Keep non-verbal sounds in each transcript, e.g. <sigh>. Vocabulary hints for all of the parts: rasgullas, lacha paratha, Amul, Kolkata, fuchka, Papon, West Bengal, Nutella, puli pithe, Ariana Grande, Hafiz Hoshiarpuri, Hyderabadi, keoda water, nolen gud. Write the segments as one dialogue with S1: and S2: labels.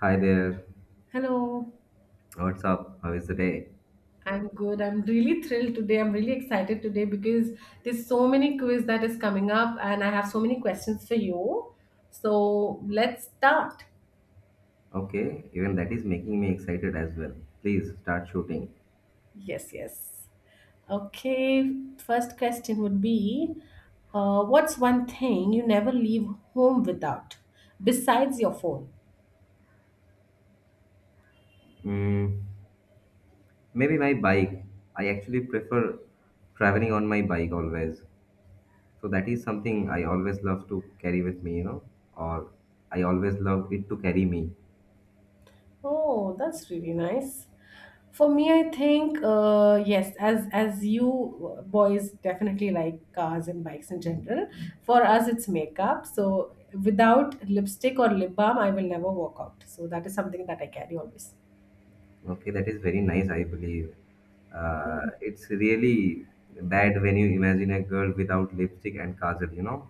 S1: Hi there.
S2: Hello,
S1: What's up? How is the day?
S2: I'm good. I'm really thrilled today. I'm really excited today because there's so many quiz that is coming up and I have so many questions for you. So let's start.
S1: Okay, even that is making me excited as well. Please start shooting.
S2: Yes, yes. Okay, first question would be what's one thing you never leave home without besides your phone?
S1: Mm, maybe my bike. I actually prefer traveling on my bike always. So that is something I always love to carry with me, or I always love it to carry me.
S2: Oh, that's really nice. For me, I think yes, as you boys definitely like cars and bikes in general. For us, it's makeup. So without lipstick or lip balm, I will never walk out. So that is something that I carry always.
S1: Okay, that is very nice, I believe. It's really bad when you imagine a girl without lipstick and kajal, you know.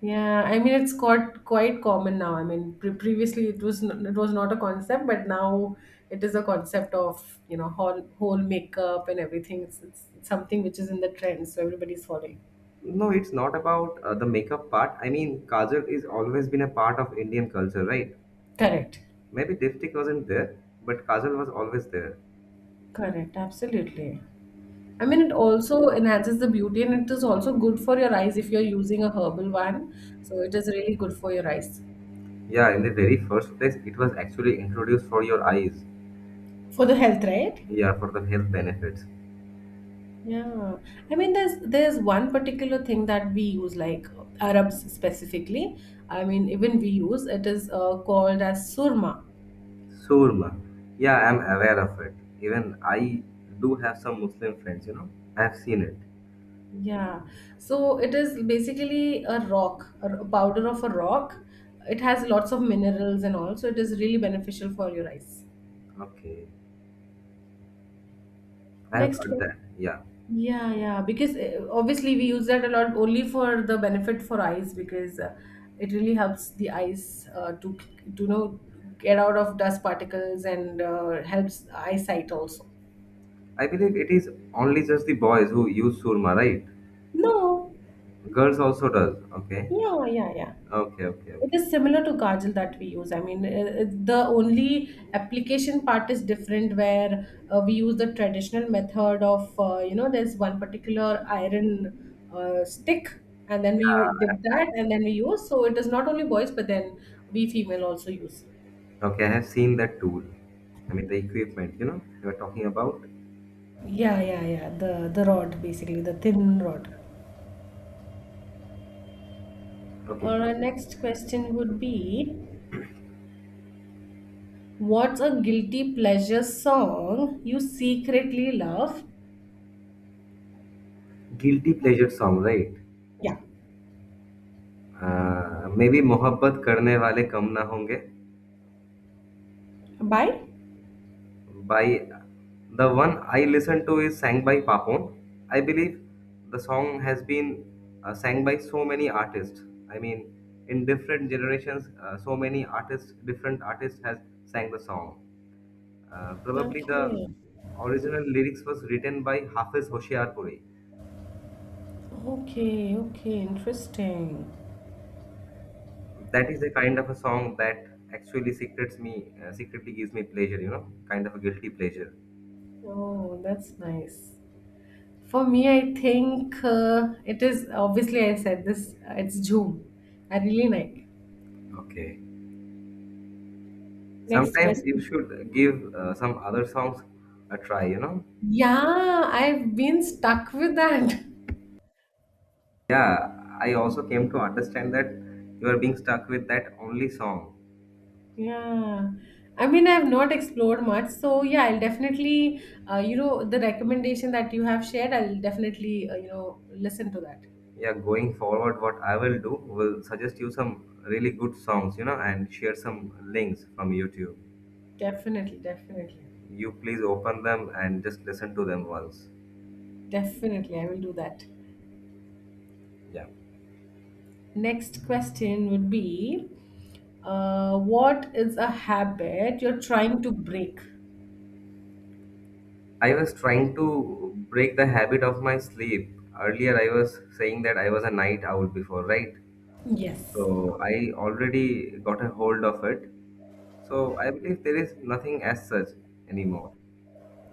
S2: Yeah, I mean it's quite common now. I mean previously it was it was not a concept, but now it is a concept of you know whole makeup and everything. It's something which is in the trend, so everybody's following.
S1: No, it's not about the makeup part. I mean, kajal is always been a part of Indian culture, right?
S2: Correct.
S1: Maybe lipstick wasn't there, but kajal was always there.
S2: Correct, absolutely. I mean, it also enhances the beauty and it is also good for your eyes if you're using a herbal one. So it is really good for your eyes.
S1: Yeah, in the very first place, it was actually introduced for your eyes.
S2: For the health, right?
S1: Yeah, for the health benefits.
S2: Yeah. I mean, there's one particular thing that we use, like Arabs specifically. I mean, even we use it is called as surma.
S1: Surma. Yeah, I'm aware of it. Even I do have some Muslim friends, you know. I've seen it.
S2: Yeah. So it is basically a rock, a powder of a rock. It has lots of minerals and all, so it is really beneficial for your eyes.
S1: Okay. I have
S2: Next
S1: heard
S2: question.
S1: that. Yeah.
S2: Yeah, yeah, because obviously we use that a lot only for the benefit for eyes because it really helps the eyes to you know get out of dust particles and helps eyesight also.
S1: I believe it is only just the boys who use surma, right?
S2: No,
S1: Girls also does. Okay.
S2: yeah, yeah, yeah.
S1: Okay, okay,
S2: It
S1: okay.
S2: is similar to Kajal that we use. I mean, the only application part is different where we use the traditional method of, you know, there's one particular iron stick and then we dip that and then we use. So it is not only boys, but then we female also use.
S1: Okay, I have seen that tool. I mean, the equipment, you know, you are talking about.
S2: Yeah, yeah, yeah. The rod, basically, the thin rod.
S1: Okay,
S2: Or Our next question would be, what's a guilty pleasure song you secretly love?
S1: guilty pleasure song, right?
S2: Yeah.
S1: Maybe मोहब्बत करने वाले कम ना होंगे
S2: Bye.
S1: by the one I listen to is sang by Papon. I believe the song has been sang by so many artists. I mean, in different generations, so many artists, different artists has sang the song. Probably the
S2: Okay.
S1: original lyrics was written by Hafiz Hoshiarpuri.
S2: Okay. Okay. Interesting.
S1: That is a kind of a song that actually secrets me, secretly gives me pleasure, you know, kind of a guilty pleasure.
S2: Oh, that's nice. For me, I think it is obviously I said this. It's Zoom. I really like.
S1: Okay.
S2: Next
S1: Sometimes you
S2: question.
S1: should give some other songs a try, you know.
S2: Yeah, I've been stuck with that. <laughs>
S1: Yeah, I also came to understand that you are being stuck with that only song.
S2: Yeah. I mean, I've not explored much. So, yeah, I'll definitely, you know, the recommendation that you have shared, I'll definitely, you know, listen to that.
S1: Yeah, going forward, what I will do, will suggest you some really good songs, you know, and share some links from YouTube.
S2: Definitely, definitely.
S1: You please open them and just listen to them once.
S2: Definitely, I will do that.
S1: Yeah.
S2: Next question would be what is a habit you're trying to break?
S1: I was trying to break the habit of my sleep. Earlier, I was saying that I was a night owl before, right?
S2: Yes.
S1: So I already got a hold of it. So I believe there is nothing as such anymore.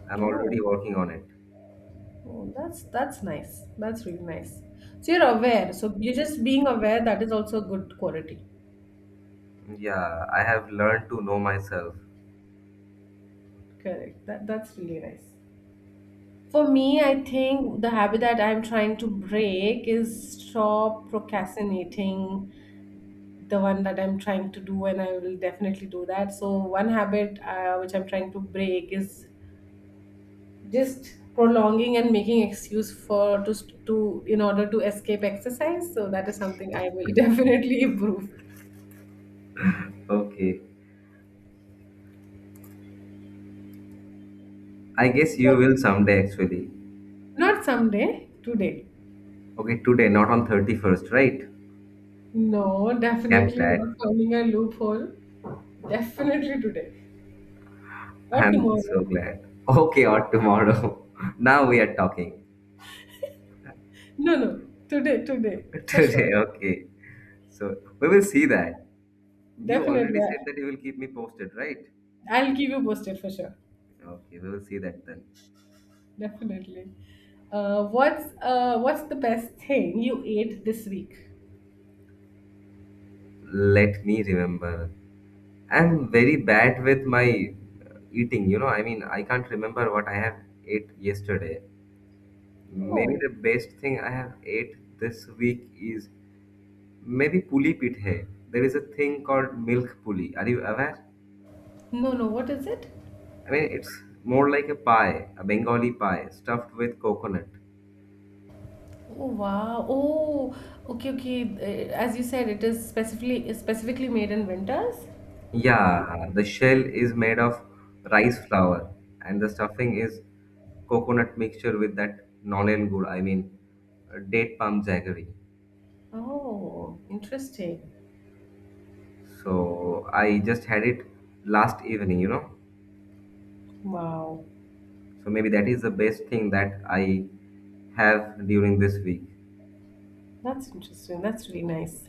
S1: I'm
S2: Oh,
S1: already working on it.
S2: oh, that's nice. That's really nice. So you're aware. So you're just being aware. That is also a good quality.
S1: Yeah, I have learned to know myself.
S2: Correct. That's really nice. For me, I think the habit that I'm trying to break is stop procrastinating. The one that I'm trying to do, and I will definitely do that. So one habit which I'm trying to break is just prolonging and making excuse for just to in order to escape exercise, so that is something I will <laughs> definitely improve.
S1: Okay. I guess you will someday actually.
S2: Not someday, today.
S1: Okay, today, not on 31st, right?
S2: No,
S1: I'm
S2: definitely not,
S1: glad.
S2: finding a loophole. Definitely today or
S1: I'm
S2: tomorrow.
S1: so glad. Okay, or tomorrow. <laughs> Now we are talking.
S2: No, no, today
S1: <laughs>
S2: for sure.
S1: Today, okay. So we will see that. You
S2: Definitely.
S1: already said that you will keep me posted, right?
S2: I'll keep you posted for sure.
S1: Okay, we will see that then.
S2: Definitely. What's the best thing you ate this week?
S1: Let me remember. I'm very bad with my eating, you know. I mean, I can't remember what I have ate yesterday. Maybe
S2: Oh.
S1: the best thing I have ate this week is maybe puli pithe. There is a thing called milk puli. Are you aware?
S2: No, no, what is it?
S1: I mean, it's more like a pie, a Bengali pie stuffed with coconut.
S2: Oh wow. Oh, okay, okay. As you said, it is specifically made in winters.
S1: Yeah, the shell is made of rice flour, and the stuffing is coconut mixture with that nolen gud. I mean, date palm jaggery.
S2: Oh, interesting.
S1: So I just had it last evening, you know.
S2: Wow.
S1: So maybe that is the best thing that I have during this week.
S2: That's interesting. That's really nice.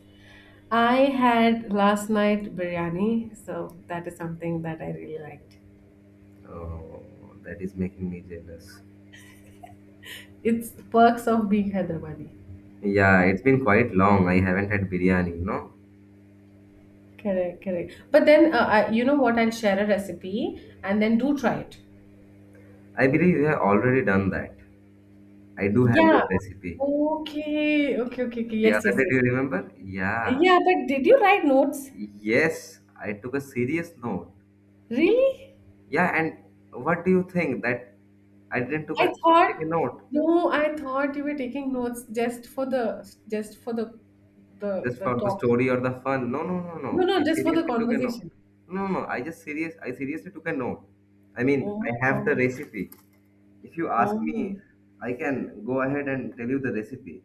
S2: I had last night biryani, so that is something that I really liked.
S1: Oh, that is making me jealous.
S2: It's the perks of being Hyderabadi.
S1: Yeah, it's been quite long. I haven't had biryani, you know.
S2: Correct, correct. But then, I, you know what? I'll share a recipe and then do try it.
S1: I believe you have already done that. I do have
S2: Yeah.
S1: your recipe.
S2: Okay, okay, okay, okay.
S1: The
S2: Yes,
S1: other
S2: yes,
S1: day, do
S2: yes.
S1: you remember? Yeah.
S2: Yeah, but did you write notes?
S1: Yes, I took a serious note.
S2: Really?
S1: Yeah, and what do you think that I didn't took a
S2: I
S1: take
S2: thought
S1: a note
S2: no, I thought you were taking notes just for the
S1: just for the
S2: talk.
S1: story or the fun? No, no, no,
S2: No,
S1: no.
S2: no,
S1: I
S2: just for the
S1: seriously took a note.
S2: conversation.
S1: No, no, no. I just serious. I seriously took a note. I mean,
S2: Oh my
S1: I have the
S2: God.
S1: recipe. If you ask
S2: Oh.
S1: me, I can go ahead and tell you the recipe.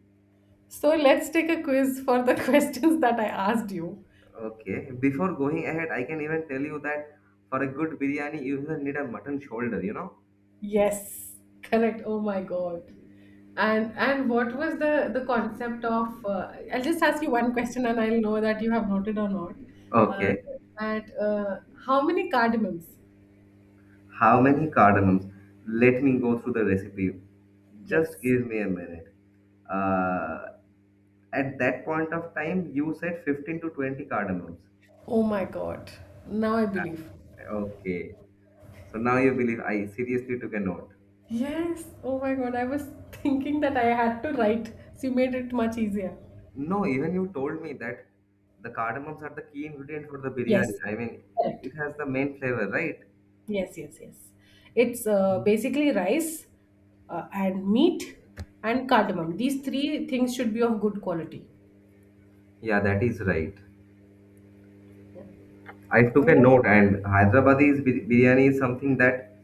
S2: So let's take a quiz for the <laughs> questions that I asked you.
S1: Okay. Before going ahead, I can even tell you that for a good biryani, you even need a mutton shoulder. You know.
S2: Yes, correct. Oh my God. And what was the concept of? I'll just ask you one question, and I'll know that you have noted or not. Uh,
S1: Okay.
S2: that how many cardamoms?
S1: How many cardamoms? Let me go through the recipe. Just
S2: Yes.
S1: give me a minute. Uh, at that point of time, you said 15 to 20 cardamoms.
S2: Oh my god. Now I believe.
S1: Okay. So now you believe I seriously took a note.
S2: Yes. Oh my god. I was thinking that I had to write. So you made it much easier.
S1: No, even you told me that the cardamoms are the key ingredient for the
S2: Yes.
S1: biryani. I mean,
S2: Correct.
S1: it has the main flavor, right?
S2: Yes, yes, yes. It's basically rice and meat and cardamom. These three things should be of good quality.
S1: Yeah, that is right.
S2: Yeah. All
S1: I took a
S2: right.
S1: note, and biryani is something that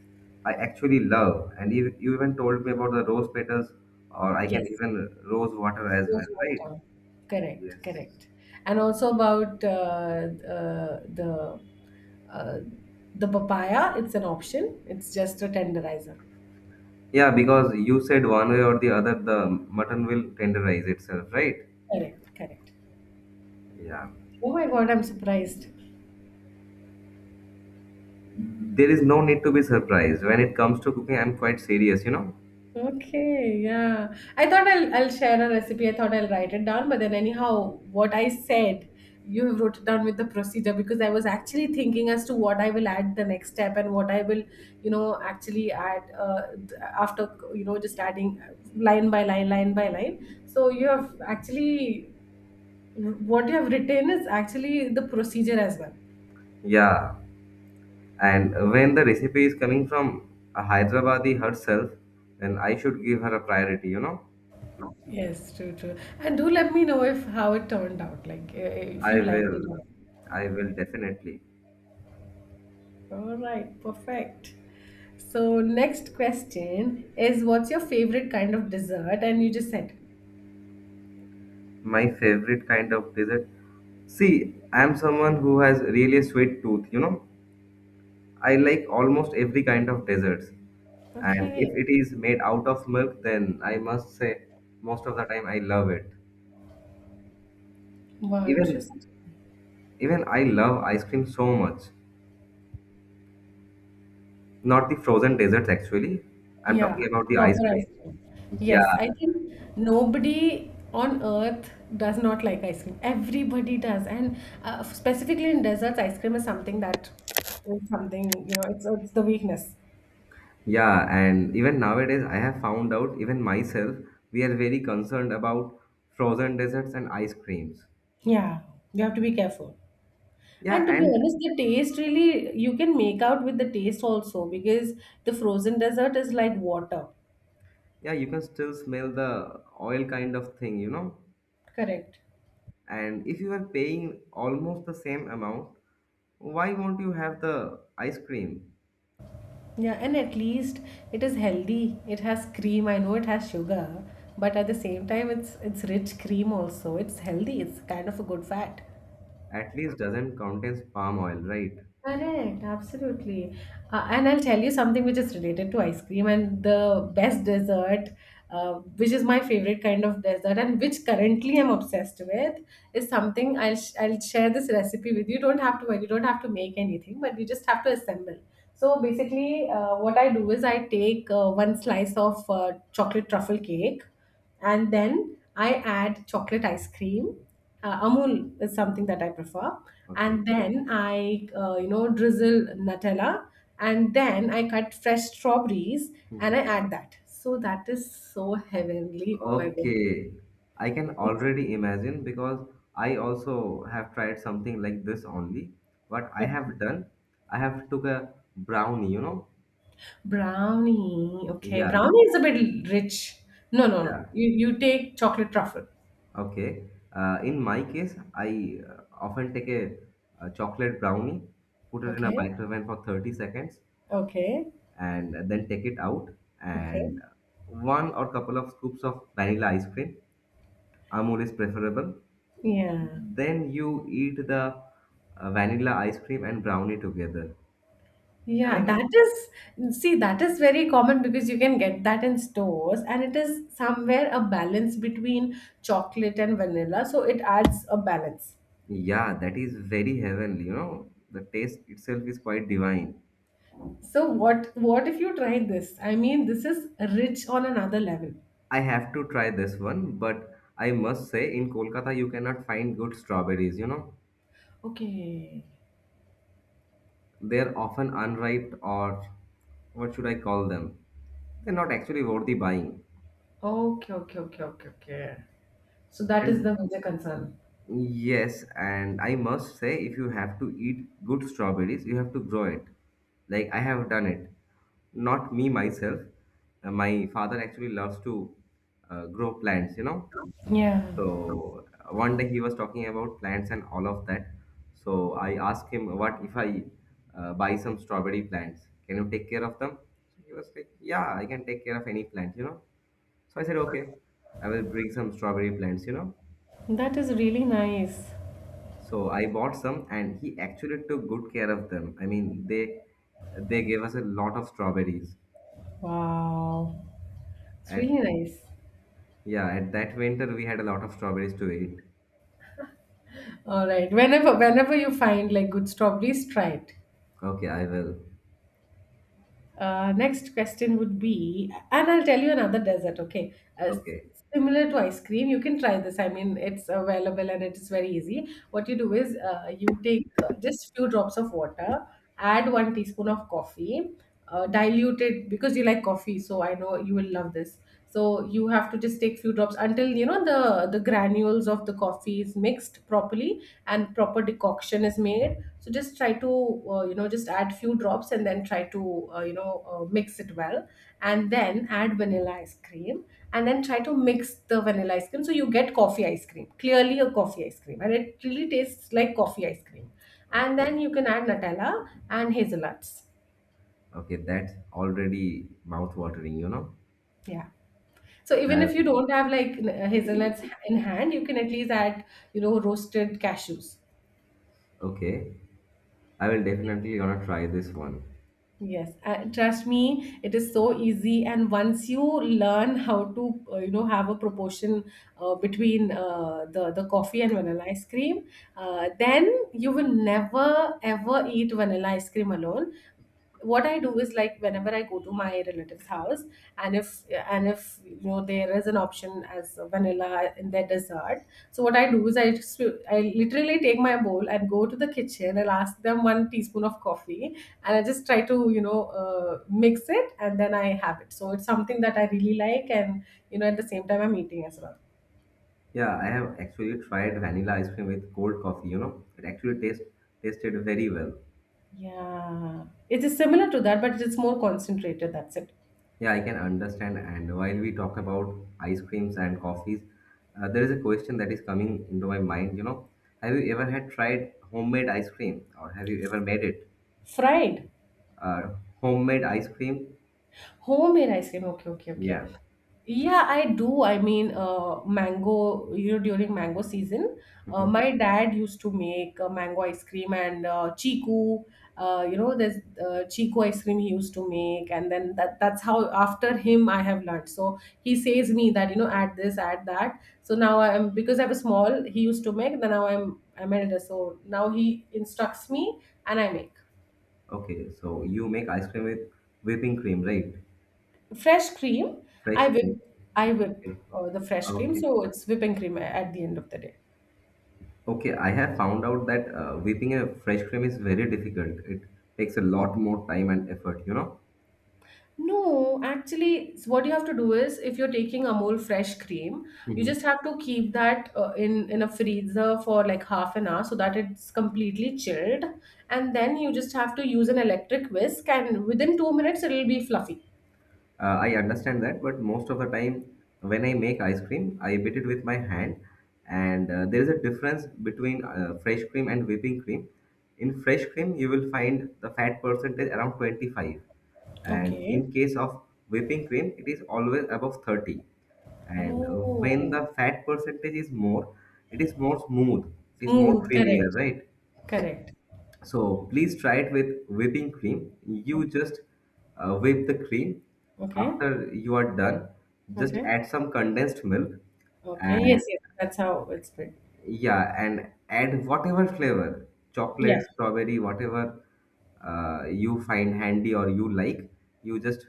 S1: I actually love. And you even told me about the rose petals, or I can
S2: Yes.
S1: even rose water as
S2: Those
S1: well, right?
S2: were done. Correct.
S1: Yes.
S2: Correct. And also about uh, the uh, the papaya. It's an option. It's just a tenderizer.
S1: Yeah, because you said one way or the other, the mutton will tenderize itself, right?
S2: Correct, correct.
S1: Yeah.
S2: Oh my God, I'm surprised.
S1: There is no need to be surprised. When it comes to cooking, I'm quite serious, you know?
S2: Okay, yeah. I thought I'll share a recipe. I thought I'll write it down, but then anyhow, what I said, you wrote it down with the procedure because I was actually thinking as to what I will add the next step and what I will, you know, actually add th- after you know just adding line by line, line by line. So you have actually what you have written is actually the procedure as well.
S1: Yeah. And when the recipe is coming from a Hyderabadi herself, then I should give her a priority, you know?
S2: Yes, true, true. And do let me know if how it turned out, like if you
S1: I
S2: liked it
S1: will.
S2: or
S1: I will definitely.
S2: not. All right, perfect. So next question is, what's your favorite kind of dessert? And you just said,
S1: My favorite kind of dessert. See, I'm someone who has really sweet tooth, you know. I like almost every kind of desserts. And
S2: okay,
S1: if it is made out of milk, then I must say most of the time I love it.
S2: wow,
S1: Even
S2: interesting.
S1: even I love ice cream so much. Not the frozen desserts actually. I'm
S2: Yeah,
S1: talking about the ice
S2: topper ice
S1: cream.
S2: cream.
S1: Yeah.
S2: Yes, I think nobody on earth does not like ice cream. Everybody does, and specifically in desserts, ice cream is something that is something you know, it's the weakness.
S1: Yeah, and even nowadays, I have found out, even myself, we are very concerned about frozen desserts and ice creams.
S2: Yeah, you have to be careful.
S1: Yeah,
S2: And to be
S1: and
S2: honest, the taste really you can make out with the taste also because the frozen dessert is like water.
S1: yeah, you can still smell the oil kind of thing, you know.
S2: Correct.
S1: And if you are paying almost the same amount, why won't you have the ice cream?
S2: Yeah, and at least it is healthy. It has cream. I know it has sugar, but at the same time, it's rich cream also. It's healthy. It's kind of a good fat.
S1: At least doesn't contains palm oil, right?
S2: Correct, absolutely. And I'll tell you something which is related to ice cream and the best dessert, which is my favorite kind of dessert and which currently I'm obsessed with, is something I'll share this recipe with you. You don't have to worry, you don't have to make anything, but you just have to assemble. So basically, what I do is I take one slice of chocolate truffle cake and then I add chocolate ice cream. Amul is something that I prefer,
S1: Okay.
S2: and then I you know drizzle Nutella, and then I cut fresh strawberries and I
S1: <laughs>
S2: add that. So that is so heavenly. Oh my god!
S1: Okay, I can
S2: It's-
S1: already imagine because I also have tried something like this only. What I have done, I have took a brownie, you know.
S2: Brownie. Okay,
S1: Yeah,
S2: brownie is a bit rich. No, no, no.
S1: yeah.
S2: You take chocolate truffle.
S1: Okay. In my case, I often take a chocolate brownie, put it in a
S2: Okay,
S1: microwave for 30 seconds,
S2: okay,
S1: and then take it out
S2: okay.
S1: and one or couple of scoops of vanilla ice cream. Amul is preferable.
S2: Yeah.
S1: Then you eat the vanilla ice cream and brownie together. I
S2: Yeah,
S1: mean,
S2: that is, see, that is very common because you can get that in stores, and it is somewhere a balance between chocolate and vanilla, so it adds a balance.
S1: yeah, that is very heavenly, you know. The taste itself is quite divine.
S2: So what if you try this? I mean, this is rich on another level.
S1: I have to try this one, but I must say, in Kolkata, you cannot find good strawberries, you know.
S2: Okay.
S1: They're often unripe or what should I call them? They're not actually worthy buying.
S2: Okay, okay, okay, okay, okay. So that is
S1: And
S2: the major concern.
S1: yes, and I must say, if you have to eat good strawberries, you have to grow it. Like I have done it. Not me myself. My father actually loves to grow plants, you know.
S2: Yeah,
S1: So one day he was talking about plants and all of that. So I asked him, what if I buy some strawberry plants? Can you take care of them? So he was like, yeah, I can take care of any plant, you know. So I said, okay, I will bring some strawberry plants, you know.
S2: that is really nice.
S1: So I bought some, and he actually took good care of them. I mean, they gave us a lot of strawberries.
S2: Wow. It's really
S1: At
S2: nice.
S1: Yeah, at that winter we had a lot of strawberries to eat.
S2: All right. Whenever you find like good strawberries, try it.
S1: Okay, I will.
S2: Next question would be, and I'll tell you another dessert, okay? Uh,
S1: Okay,
S2: similar to ice cream, you can try this. I mean, it's available and it is very easy. What you do is you take just few drops of water, add one teaspoon of coffee, dilute it because you like coffee, so I know you will love this, so you have to just take few drops until you know the granules of the coffee is mixed properly and proper decoction is made, so just try to you know just add few drops and then try to you know mix it well and then add vanilla ice cream and then try to mix the vanilla ice cream so you get coffee ice cream, clearly a coffee ice cream, and it really tastes like coffee ice cream. And
S1: okay,
S2: then you can add Nutella and hazelnuts.
S1: okay. That's already mouth watering, you know.
S2: Yeah. So even
S1: I,
S2: if you don't have like hazelnuts in hand, you can at least add, you know, roasted cashews.
S1: okay, I will definitely gonna try this one.
S2: Yes, trust me, it is so easy. And once you learn how to, you know, have a proportion between the coffee and vanilla ice cream, then you will never ever eat vanilla ice cream alone. What I do is, like, whenever I go to my relative's house and if and if, you know, there is an option as a vanilla in their dessert, so what I do is I just, I literally take my bowl and go to the kitchen and ask them one teaspoon of coffee, and I just try to, you know, mix it and then I have it. So it's something that I really like, and you know, at the same time I'm eating as well.
S1: Yeah, I have actually tried vanilla ice cream with cold coffee. You know, it actually tasted very well.
S2: Yeah, it is similar to that, but it's more concentrated, that's it.
S1: Yeah, I can understand. And while we talk about ice creams and coffees, there is a question that is coming into my mind. You know, have you ever had tried homemade ice cream, or have you ever made it?
S2: Fried?
S1: Uh, Homemade ice cream?
S2: Homemade ice cream, okay, okay, okay.
S1: Yeah.
S2: Yeah, I do. I mean, mango, you know, during mango season,
S1: Mhm.
S2: my dad used to make mango ice cream and chiku. You know, there's Chiku ice cream he used to make, and then that's how after him I have learned. So he says me that, you know, add this, add that. So now I'm, because I was small, he used to make. Then now I'm elder, so now he instructs me and I make.
S1: Okay, so you make ice cream with whipping cream, right?
S2: Fresh cream.
S1: Fresh
S2: I
S1: cream.
S2: whip I whip
S1: Okay.
S2: uh, the fresh cream,
S1: Okay.
S2: so it's whipping cream at the end of the day.
S1: Okay, I have found out that whipping a fresh cream is very difficult. It takes a lot more time and effort, you know?
S2: No, actually, what you have to do is, if you're taking Amul fresh cream, you
S1: Mhm.
S2: just have to keep that in a freezer for like half an hour so that it's completely chilled, and then you just have to use an electric whisk, and within 2 minutes it'll be fluffy.
S1: I understand that, but most of the time when I make ice cream, I beat it with my hand, and there is a difference between fresh cream and whipping cream. In fresh cream, you will find the fat percentage around 25, and
S2: Okay.
S1: in case of whipping cream, it is always above 30. And when
S2: Oh,
S1: the fat percentage is more, it is more smooth, it is more
S2: smooth.
S1: creamier,
S2: Correct.
S1: right?
S2: Correct.
S1: So please try it with whipping cream. You
S2: Okay.
S1: just whip the cream.
S2: Okay.
S1: After you are done, just
S2: Okay.
S1: add some condensed milk
S2: Okay. Yes.
S1: and
S2: Yes. That's how it's made.
S1: yeah, and add whatever flavor,
S2: Yeah.
S1: chocolate, strawberry, whatever you find handy or you like. You just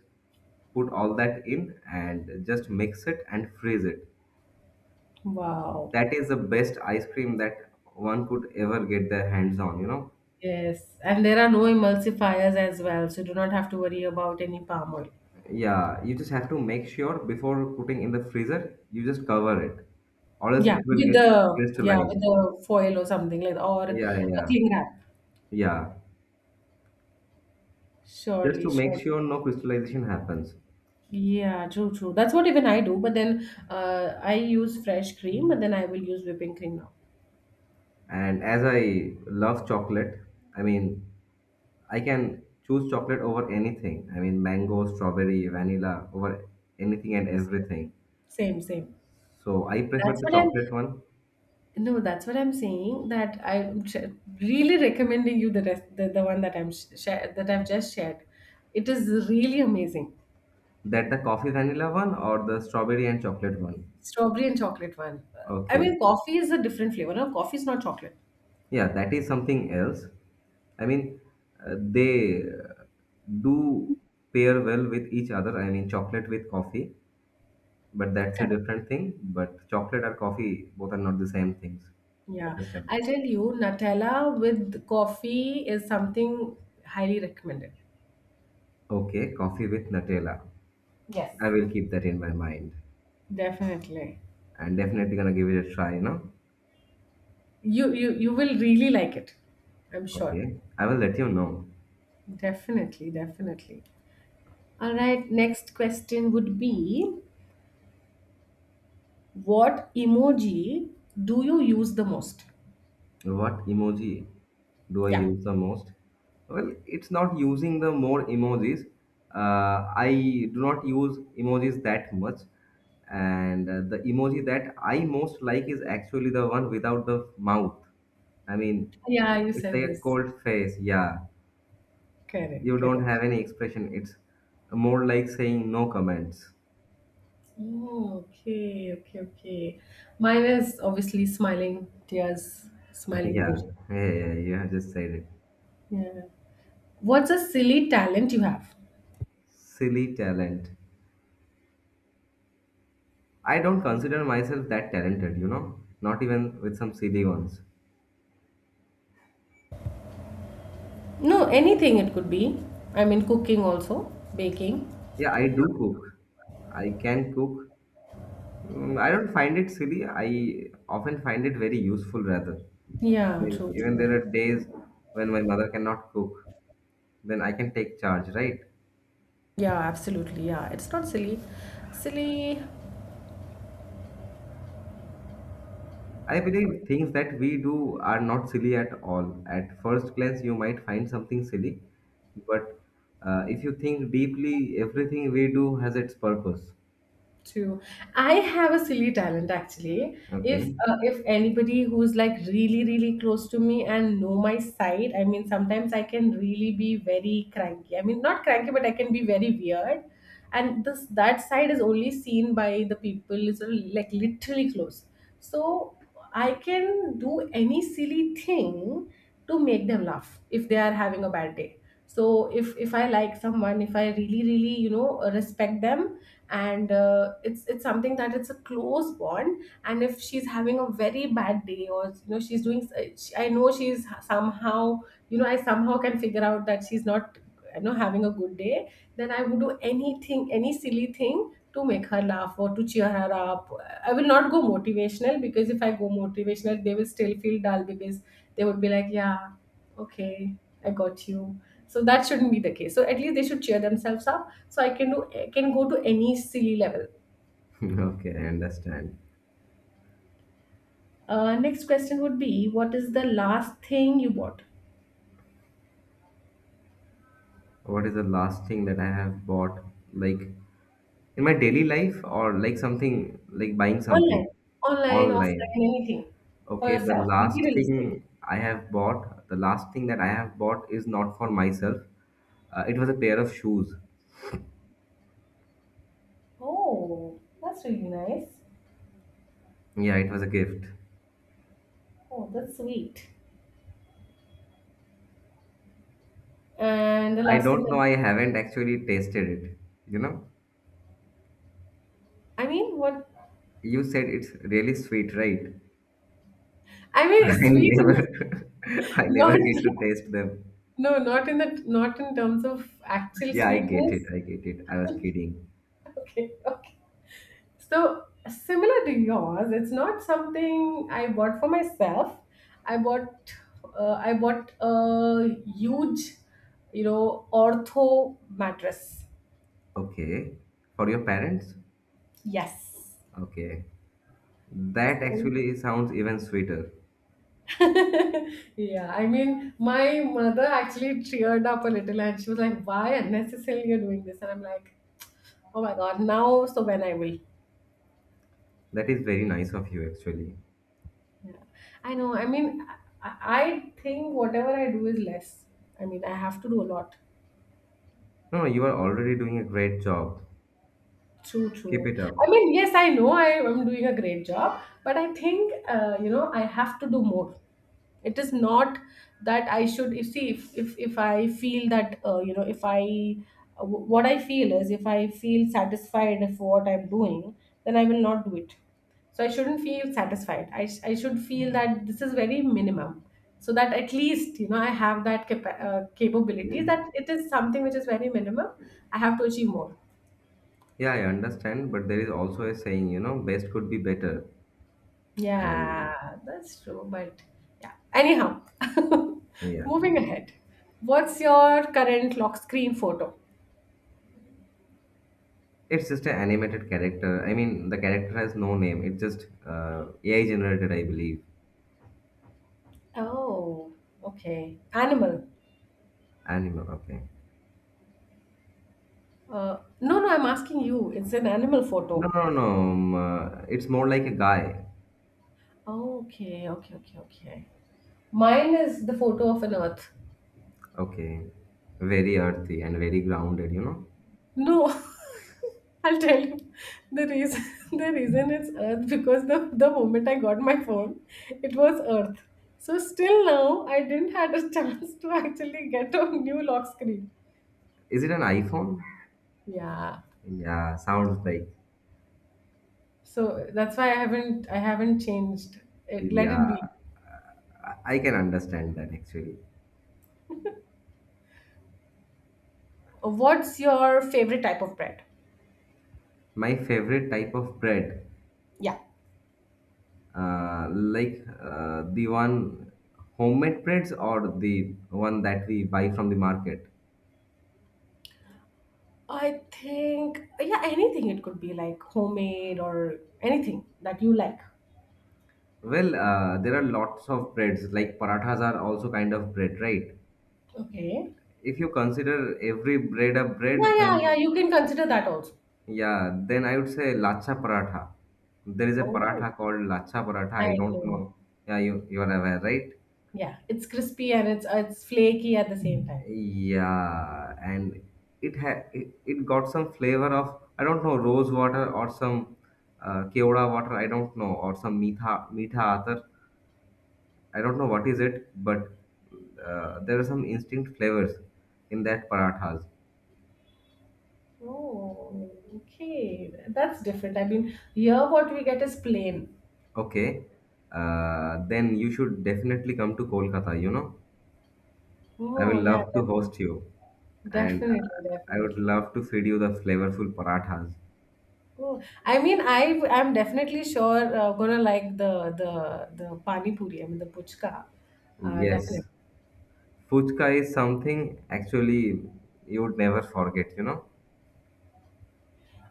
S1: put all that in and just mix it and freeze it.
S2: Wow.
S1: That is the best ice cream that one could ever get their hands on, you know.
S2: Yes. And there are no emulsifiers as well, so do not have to worry about any palm oil.
S1: Yeah, you just have to make sure before putting in the freezer, you just cover it, or else it will get
S2: Yeah, with
S1: crystallized.
S2: the foil or something like that, or
S1: Yeah,
S2: a
S1: yeah,
S2: cling wrap.
S1: yeah. Just
S2: Surely,
S1: to make
S2: surely.
S1: sure no crystallization happens.
S2: Yeah, true, true. That's what even I do. But then I use fresh cream, but then I will use whipping cream now.
S1: And as I love chocolate, I mean, I can choose chocolate over anything. I mean, mango, strawberry, vanilla, over anything and everything.
S2: Same, same.
S1: So I
S2: That's
S1: prefer the
S2: what I'm.
S1: chocolate one.
S2: No, that's what I'm saying. That really recommending you the rest, the one that I've just shared. It is really amazing.
S1: That the coffee vanilla one or the strawberry and chocolate one?
S2: Strawberry and chocolate one. I
S1: Okay.
S2: mean, coffee is a different flavor. No, coffee is not chocolate.
S1: Yeah, that is something else. I mean, they do pair well with each other. I mean, chocolate with coffee, but that's a different thing. But chocolate or coffee, both are not the same things. I
S2: Yeah,
S1: understand.
S2: I tell you, Nutella with coffee is something highly recommended.
S1: Okay, coffee with Nutella.
S2: Yes.
S1: I will keep that in my mind.
S2: Definitely.
S1: And definitely gonna give it a try, you know?
S2: You will really like it. I'm sure.
S1: Okay. I will let you know.
S2: Definitely, definitely. All right, next question would be, what emoji do you use the most?
S1: What emoji do I
S2: Yeah.
S1: use the most? Well, it's not using the more emojis. I do not use emojis that much, and the emoji that I most like is actually the one without the mouth. I mean,
S2: Yeah, you
S1: it's
S2: said
S1: like a
S2: this.
S1: cold face. Yeah,
S2: Correct,
S1: you don't
S2: correct.
S1: have any expression. It's more like saying no comments.
S2: Oh, okay, okay, okay. Mine is obviously smiling tears
S1: <laughs>
S2: smiling emoji.
S1: Yeah, yeah, yeah. You have just said it.
S2: Yeah. What's a silly talent you have?
S1: Silly talent. I don't consider myself that talented, you know, not even with some silly ones.
S2: No, anything it could be. I mean, cooking also, baking.
S1: Yeah, I do cook. I can cook. I don't find it silly. I often find it very useful, rather. I
S2: Yeah,
S1: mean,
S2: true,
S1: even there
S2: true.
S1: are days when my mother cannot cook, then I can take charge, right?
S2: Yeah, absolutely. Yeah, it's not silly. Silly,
S1: I believe things that we do are not silly at all. At first glance, you might find something silly, but if you think deeply, everything we do has its purpose.
S2: true. I have a silly talent actually.
S1: Okay.
S2: If if anybody who's like really really close to me and know my side, I mean sometimes I can really be very cranky. I mean, not cranky, but I can be very weird. And this that side is only seen by the people is, like, literally close. So I can do any silly thing to make them laugh if they are having a bad day. So if I like someone, if I really really, you know, respect them, and it's something that it's a close bond, and if she's having a very bad day, or you know she's doing I know she's somehow, you know, I somehow can figure out that she's not, you know, having a good day, then I would do anything, any silly thing to make her laugh or to cheer her up. I will not go motivational, because if I go motivational, they will still feel dull because they would be like, yeah, okay, I got you. So that shouldn't be the case. So at least they should cheer themselves up. So I can go to any silly level.
S1: <laughs> Okay, I understand.
S2: Next question would be, what is the last thing you bought?
S1: What is the last thing that I have bought, like in my daily life, or like something like buying something
S2: Online, online,
S1: online?
S2: offline, anything, for
S1: Okay, the
S2: yourself,
S1: last
S2: materialistic?
S1: thing I have bought, the last thing that I have bought is not for myself. It was a pair of shoes.
S2: Oh, that's really nice.
S1: Yeah, it was a gift.
S2: Oh, that's sweet. And the
S1: I
S2: last thing
S1: don't know,
S2: that...
S1: I haven't actually tasted it. You know,
S2: I mean, what...
S1: you said it's really sweet, right?
S2: I mean,
S1: <laughs>
S2: it's
S1: I
S2: sweet and...
S1: never, <laughs> I
S2: <laughs>
S1: never
S2: not...
S1: get to taste them.
S2: No, not in the, not in terms of actual
S1: Yeah, I get
S2: sweetness.
S1: it. I get it. I was kidding.
S2: <laughs> Okay, okay. So similar to yours, it's not something I bought for myself. I bought, I bought a huge, you know, ortho mattress.
S1: Okay. For your parents?
S2: Yes.
S1: Okay. That
S2: So,
S1: actually sounds even sweeter.
S2: <laughs> yeah, I mean, my mother actually teared up a little and she was like, why unnecessarily you're doing this? And I'm like, oh my God, now, so when I will.
S1: That is very nice of you, actually.
S2: Yeah, I know. I mean, I I think whatever I do is less. I mean, I have to do a lot.
S1: No, no, you are already doing a great job.
S2: True,
S1: Keep
S2: true.
S1: it up.
S2: I mean, yes, I know I am doing a great job, but I think, you know, I have to do more. It is not that I should, if, see if I feel that, you know, if I w- what I feel is, if I feel satisfied of what I'm doing, then I will not do it. So I shouldn't feel satisfied. I should feel that this is very minimum, so that at least, you know, I have that capability, that it is something which is very minimum. I have to achieve more.
S1: Yeah, I understand, but there is also a saying, best could be better.
S2: Yeah,
S1: And
S2: that's true. But yeah, anyhow, <laughs>
S1: yeah,
S2: moving ahead. What's your current lock screen photo?
S1: it's just an animated character. I mean, the character has no name. It's just AI generated, I believe.
S2: Oh, okay. Animal?
S1: Animal, okay.
S2: No, no, I'm asking you. It's an animal
S1: No,
S2: photo?
S1: no, no. It's more like a guy.
S2: Okay, okay, okay, okay. Mine is the photo of an earth.
S1: Okay. Very earthy and very grounded, you know.
S2: No, <laughs> I'll tell you the reason. <laughs> The reason is Earth, because the moment I got my phone, it was Earth. So still now, I didn't <laughs> had a chance to actually get a new lock screen.
S1: Is it an iPhone?
S2: Yeah.
S1: Yeah, sounds like.
S2: So that's why I haven't changed. It, let it
S1: Yeah,
S2: be.
S1: I can understand that actually.
S2: What's your favorite type of bread?
S1: My favorite type of bread,
S2: Yeah.
S1: like the one homemade breads or the one that we buy from the market.
S2: I think, yeah, anything it could be, like homemade or anything that you like.
S1: Well, there are lots of breads, like parathas are also kind of bread, right?
S2: Okay.
S1: If you consider every bread a bread,
S2: Yeah, yeah, yeah.
S1: then
S2: You can consider that also.
S1: yeah, then I would say lacha paratha. There is a
S2: Oh.
S1: paratha called lacha paratha.
S2: I
S1: I don't
S2: know.
S1: know. Yeah, you are aware, right?
S2: Yeah, it's crispy and it's flaky at the same time.
S1: Yeah, and it got some flavor of I don't know rose water or some keoda water. I don't know or some meetha meetha atar. I don't know what is it, but there are some instinct flavors in that parathas.
S2: Oh, okay. That's different. I mean, here what we get is plain.
S1: Okay, then you should definitely come to Kolkata. You know. I will
S2: Oh, yeah,
S1: love to host you, and
S2: definitely,
S1: I would
S2: definitely.
S1: love to feed you the flavorful parathas.
S2: Oh, I mean, I'm definitely sure gonna like the the pani puri. I mean, the puchka. Definitely.
S1: Yes, fuchka is something actually you would never forget, you know.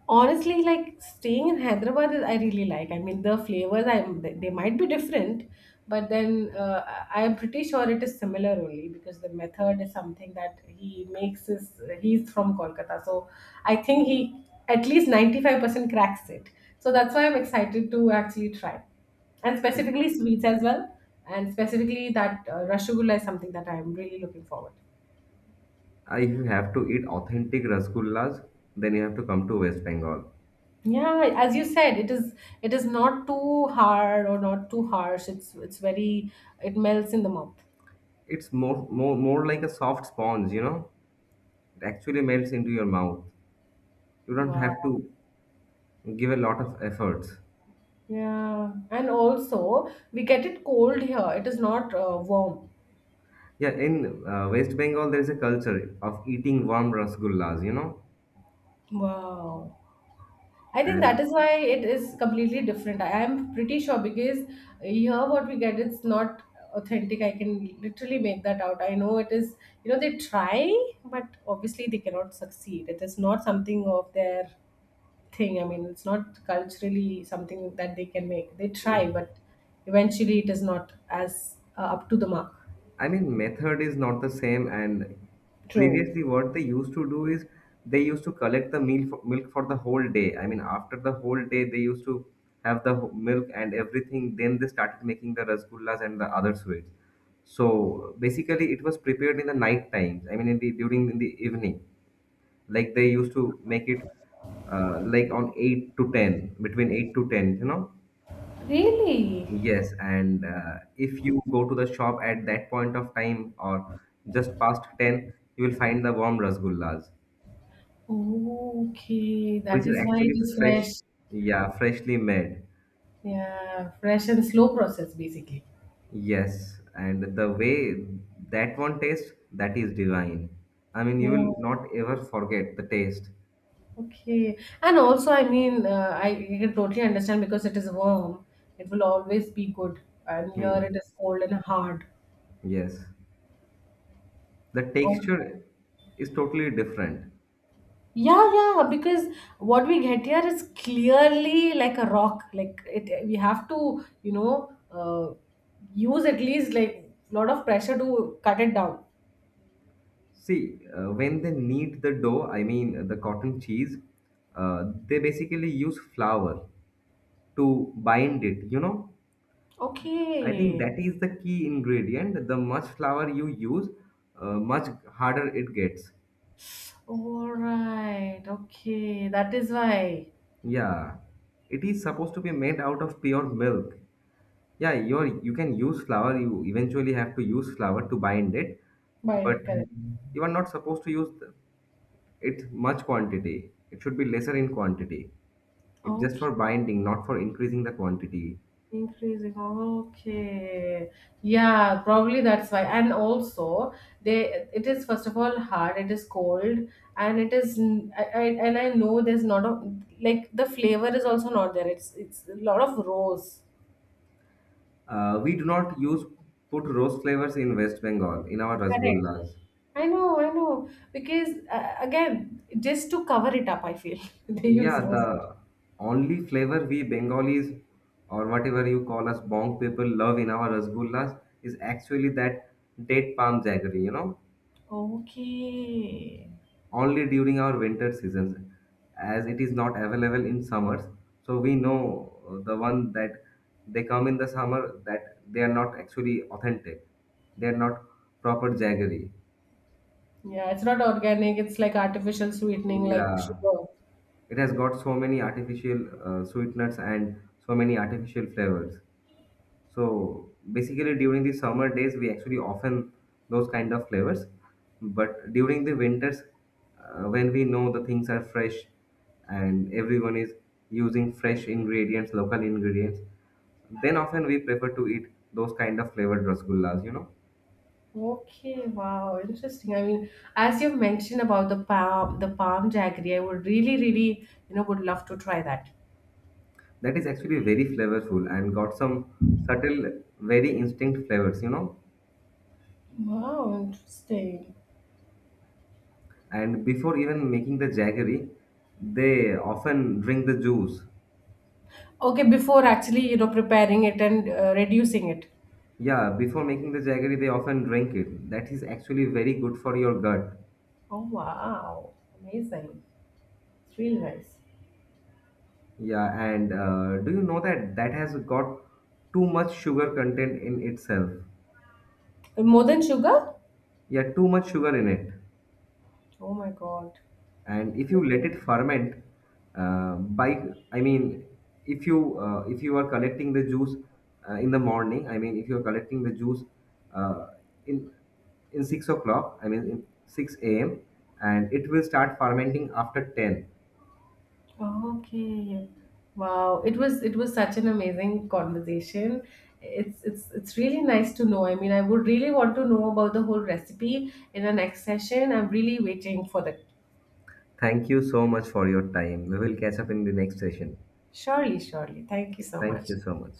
S2: Honestly, like staying in Hyderabad, I really like. I mean, the flavors, I'm they might be different, but then I am pretty sure it is similar only because the method is something that he makes. Is, he's from Kolkata, so I think he at least 95% cracks it. So that's why I'm excited to actually try, and specifically sweets as well, and specifically that rasgulla is something that I'm really looking forward.
S1: If you have to eat authentic rasgullas, then you have to come to West Bengal.
S2: Yeah, as you said, it is, it is not too hard or not too harsh. It's very, it melts in the mouth.
S1: It's more, more, more like a soft sponge, you know. It actually melts into your mouth. You don't have
S2: Wow.
S1: to give a lot of efforts.
S2: Yeah, and also we get it cold here. It is not warm.
S1: Yeah, in West Bengal, there is a culture of eating warm rasgullas, you know.
S2: Wow. I think that
S1: And
S2: is why it is completely different. I am pretty sure, because here what we get, it's not authentic. I can literally make that out. I know it is, you know, they try, but obviously they cannot succeed. It is not something of their thing. I mean, it's not culturally something that they can make. They try, but eventually it is not as up to the mark.
S1: I mean, method is not the same. And
S2: True.
S1: previously, what they used to do is they used to collect the milk for the whole day. I mean, after the whole day, they used to have the milk and everything. Then they started making the rasgullas and the other sweets. So basically, it was prepared in the night times. I mean, in the evening, like they used to make it like on 8 to 10, between 8 to 10, you know.
S2: Really?
S1: Yes, and if you go to the shop at that point of time or just past 10, you will find the warm rasgullas,
S2: Okay, that
S1: which are
S2: is why it
S1: actually
S2: is
S1: fresh,
S2: fresh.
S1: yeah, freshly made.
S2: Yeah, fresh and slow process, basically.
S1: Yes, and the way that one tastes, that is divine. I mean, you
S2: Yeah.
S1: will not ever forget the taste.
S2: Okay. And also, I mean, I can totally understand because it is warm. It will always be good. And here it
S1: Hmm.
S2: is cold and hard.
S1: Yes, the texture is totally different.
S2: Yeah, yeah, because what we get here is clearly like a rock. Like it, we have to, you know, use at least like a lot of pressure to cut it down.
S1: See, when they knead the dough, I mean the cotton cheese, they basically use flour to bind it, you know. I think
S2: Okay.
S1: that is the key ingredient. The much flour you use, much harder it gets.
S2: All right. Okay. That is why.
S1: Yeah, it is supposed to be made out of pure milk. Yeah, you can use flour, you eventually have to use flour to bind it, but
S2: Binary,
S1: you are not supposed to use it much quantity. It should be lesser in quantity. It's just
S2: correct.
S1: for binding, not for increasing the quantity.
S2: Increasing. Okay. Yeah, probably that's why. And also, they, it is first of all hard. It is cold, and it is and I know there's not a, like the flavor is also not there. It's a lot of rose.
S1: We do not use put rose flavors in West Bengal in our
S2: Correct.
S1: rasgullas.
S2: I know, I know. Because again, just to cover it up, I feel <laughs> they use
S1: Yeah,
S2: rose water.
S1: the only flavor we Bengalis or whatever you call us bong people love in our rasgullas is actually that date palm jaggery, you know,
S2: Okay.
S1: only during our winter seasons, as it is not available in summers. So we know the one that they come in the summer that they are not actually authentic. They are not proper jaggery.
S2: Yeah, it's not organic. It's like artificial sweetening, like
S1: Yeah.
S2: sugar.
S1: It has got so many artificial sweeteners and so many artificial flavors. So basically, during the summer days we actually often those kind of flavors, but during the winters when we know the things are fresh and everyone is using fresh ingredients, local ingredients, then often we prefer to eat those kind of flavored rasgullas, you know.
S2: Okay, wow, interesting. I mean, as you've mentioned about the palm jaggery, I would really, really, you know, would love to try that.
S1: That is actually very flavorful, and got some subtle, very instinct flavors, you know.
S2: Wow, interesting.
S1: And before even making the jaggery, they often drink the juice.
S2: Okay, before actually, you know, preparing it and reducing it.
S1: Yeah, before making the jaggery, they often drink it. That is actually very good for your gut.
S2: Oh, wow, amazing. It's really nice.
S1: Yeah, and do you know that that has got too much sugar content in itself?
S2: More than sugar?
S1: Yeah, too much sugar in it.
S2: Oh my God.
S1: And if you let it ferment, uh, by I mean, if you are collecting the juice, in the morning, I mean, if you are collecting the juice, uh, in 6 o'clock, I mean, in 6 a.m. and it will start fermenting after 10.
S2: Okay. Wow. It was, it was such an amazing conversation. It's it's really nice to know. I mean, I would really want to know about the whole recipe in the next session. I'm really waiting for that.
S1: Thank you so much for your time. We will catch up in the next session.
S2: Surely, surely. Thank you so
S1: Thank
S2: much.
S1: you so much.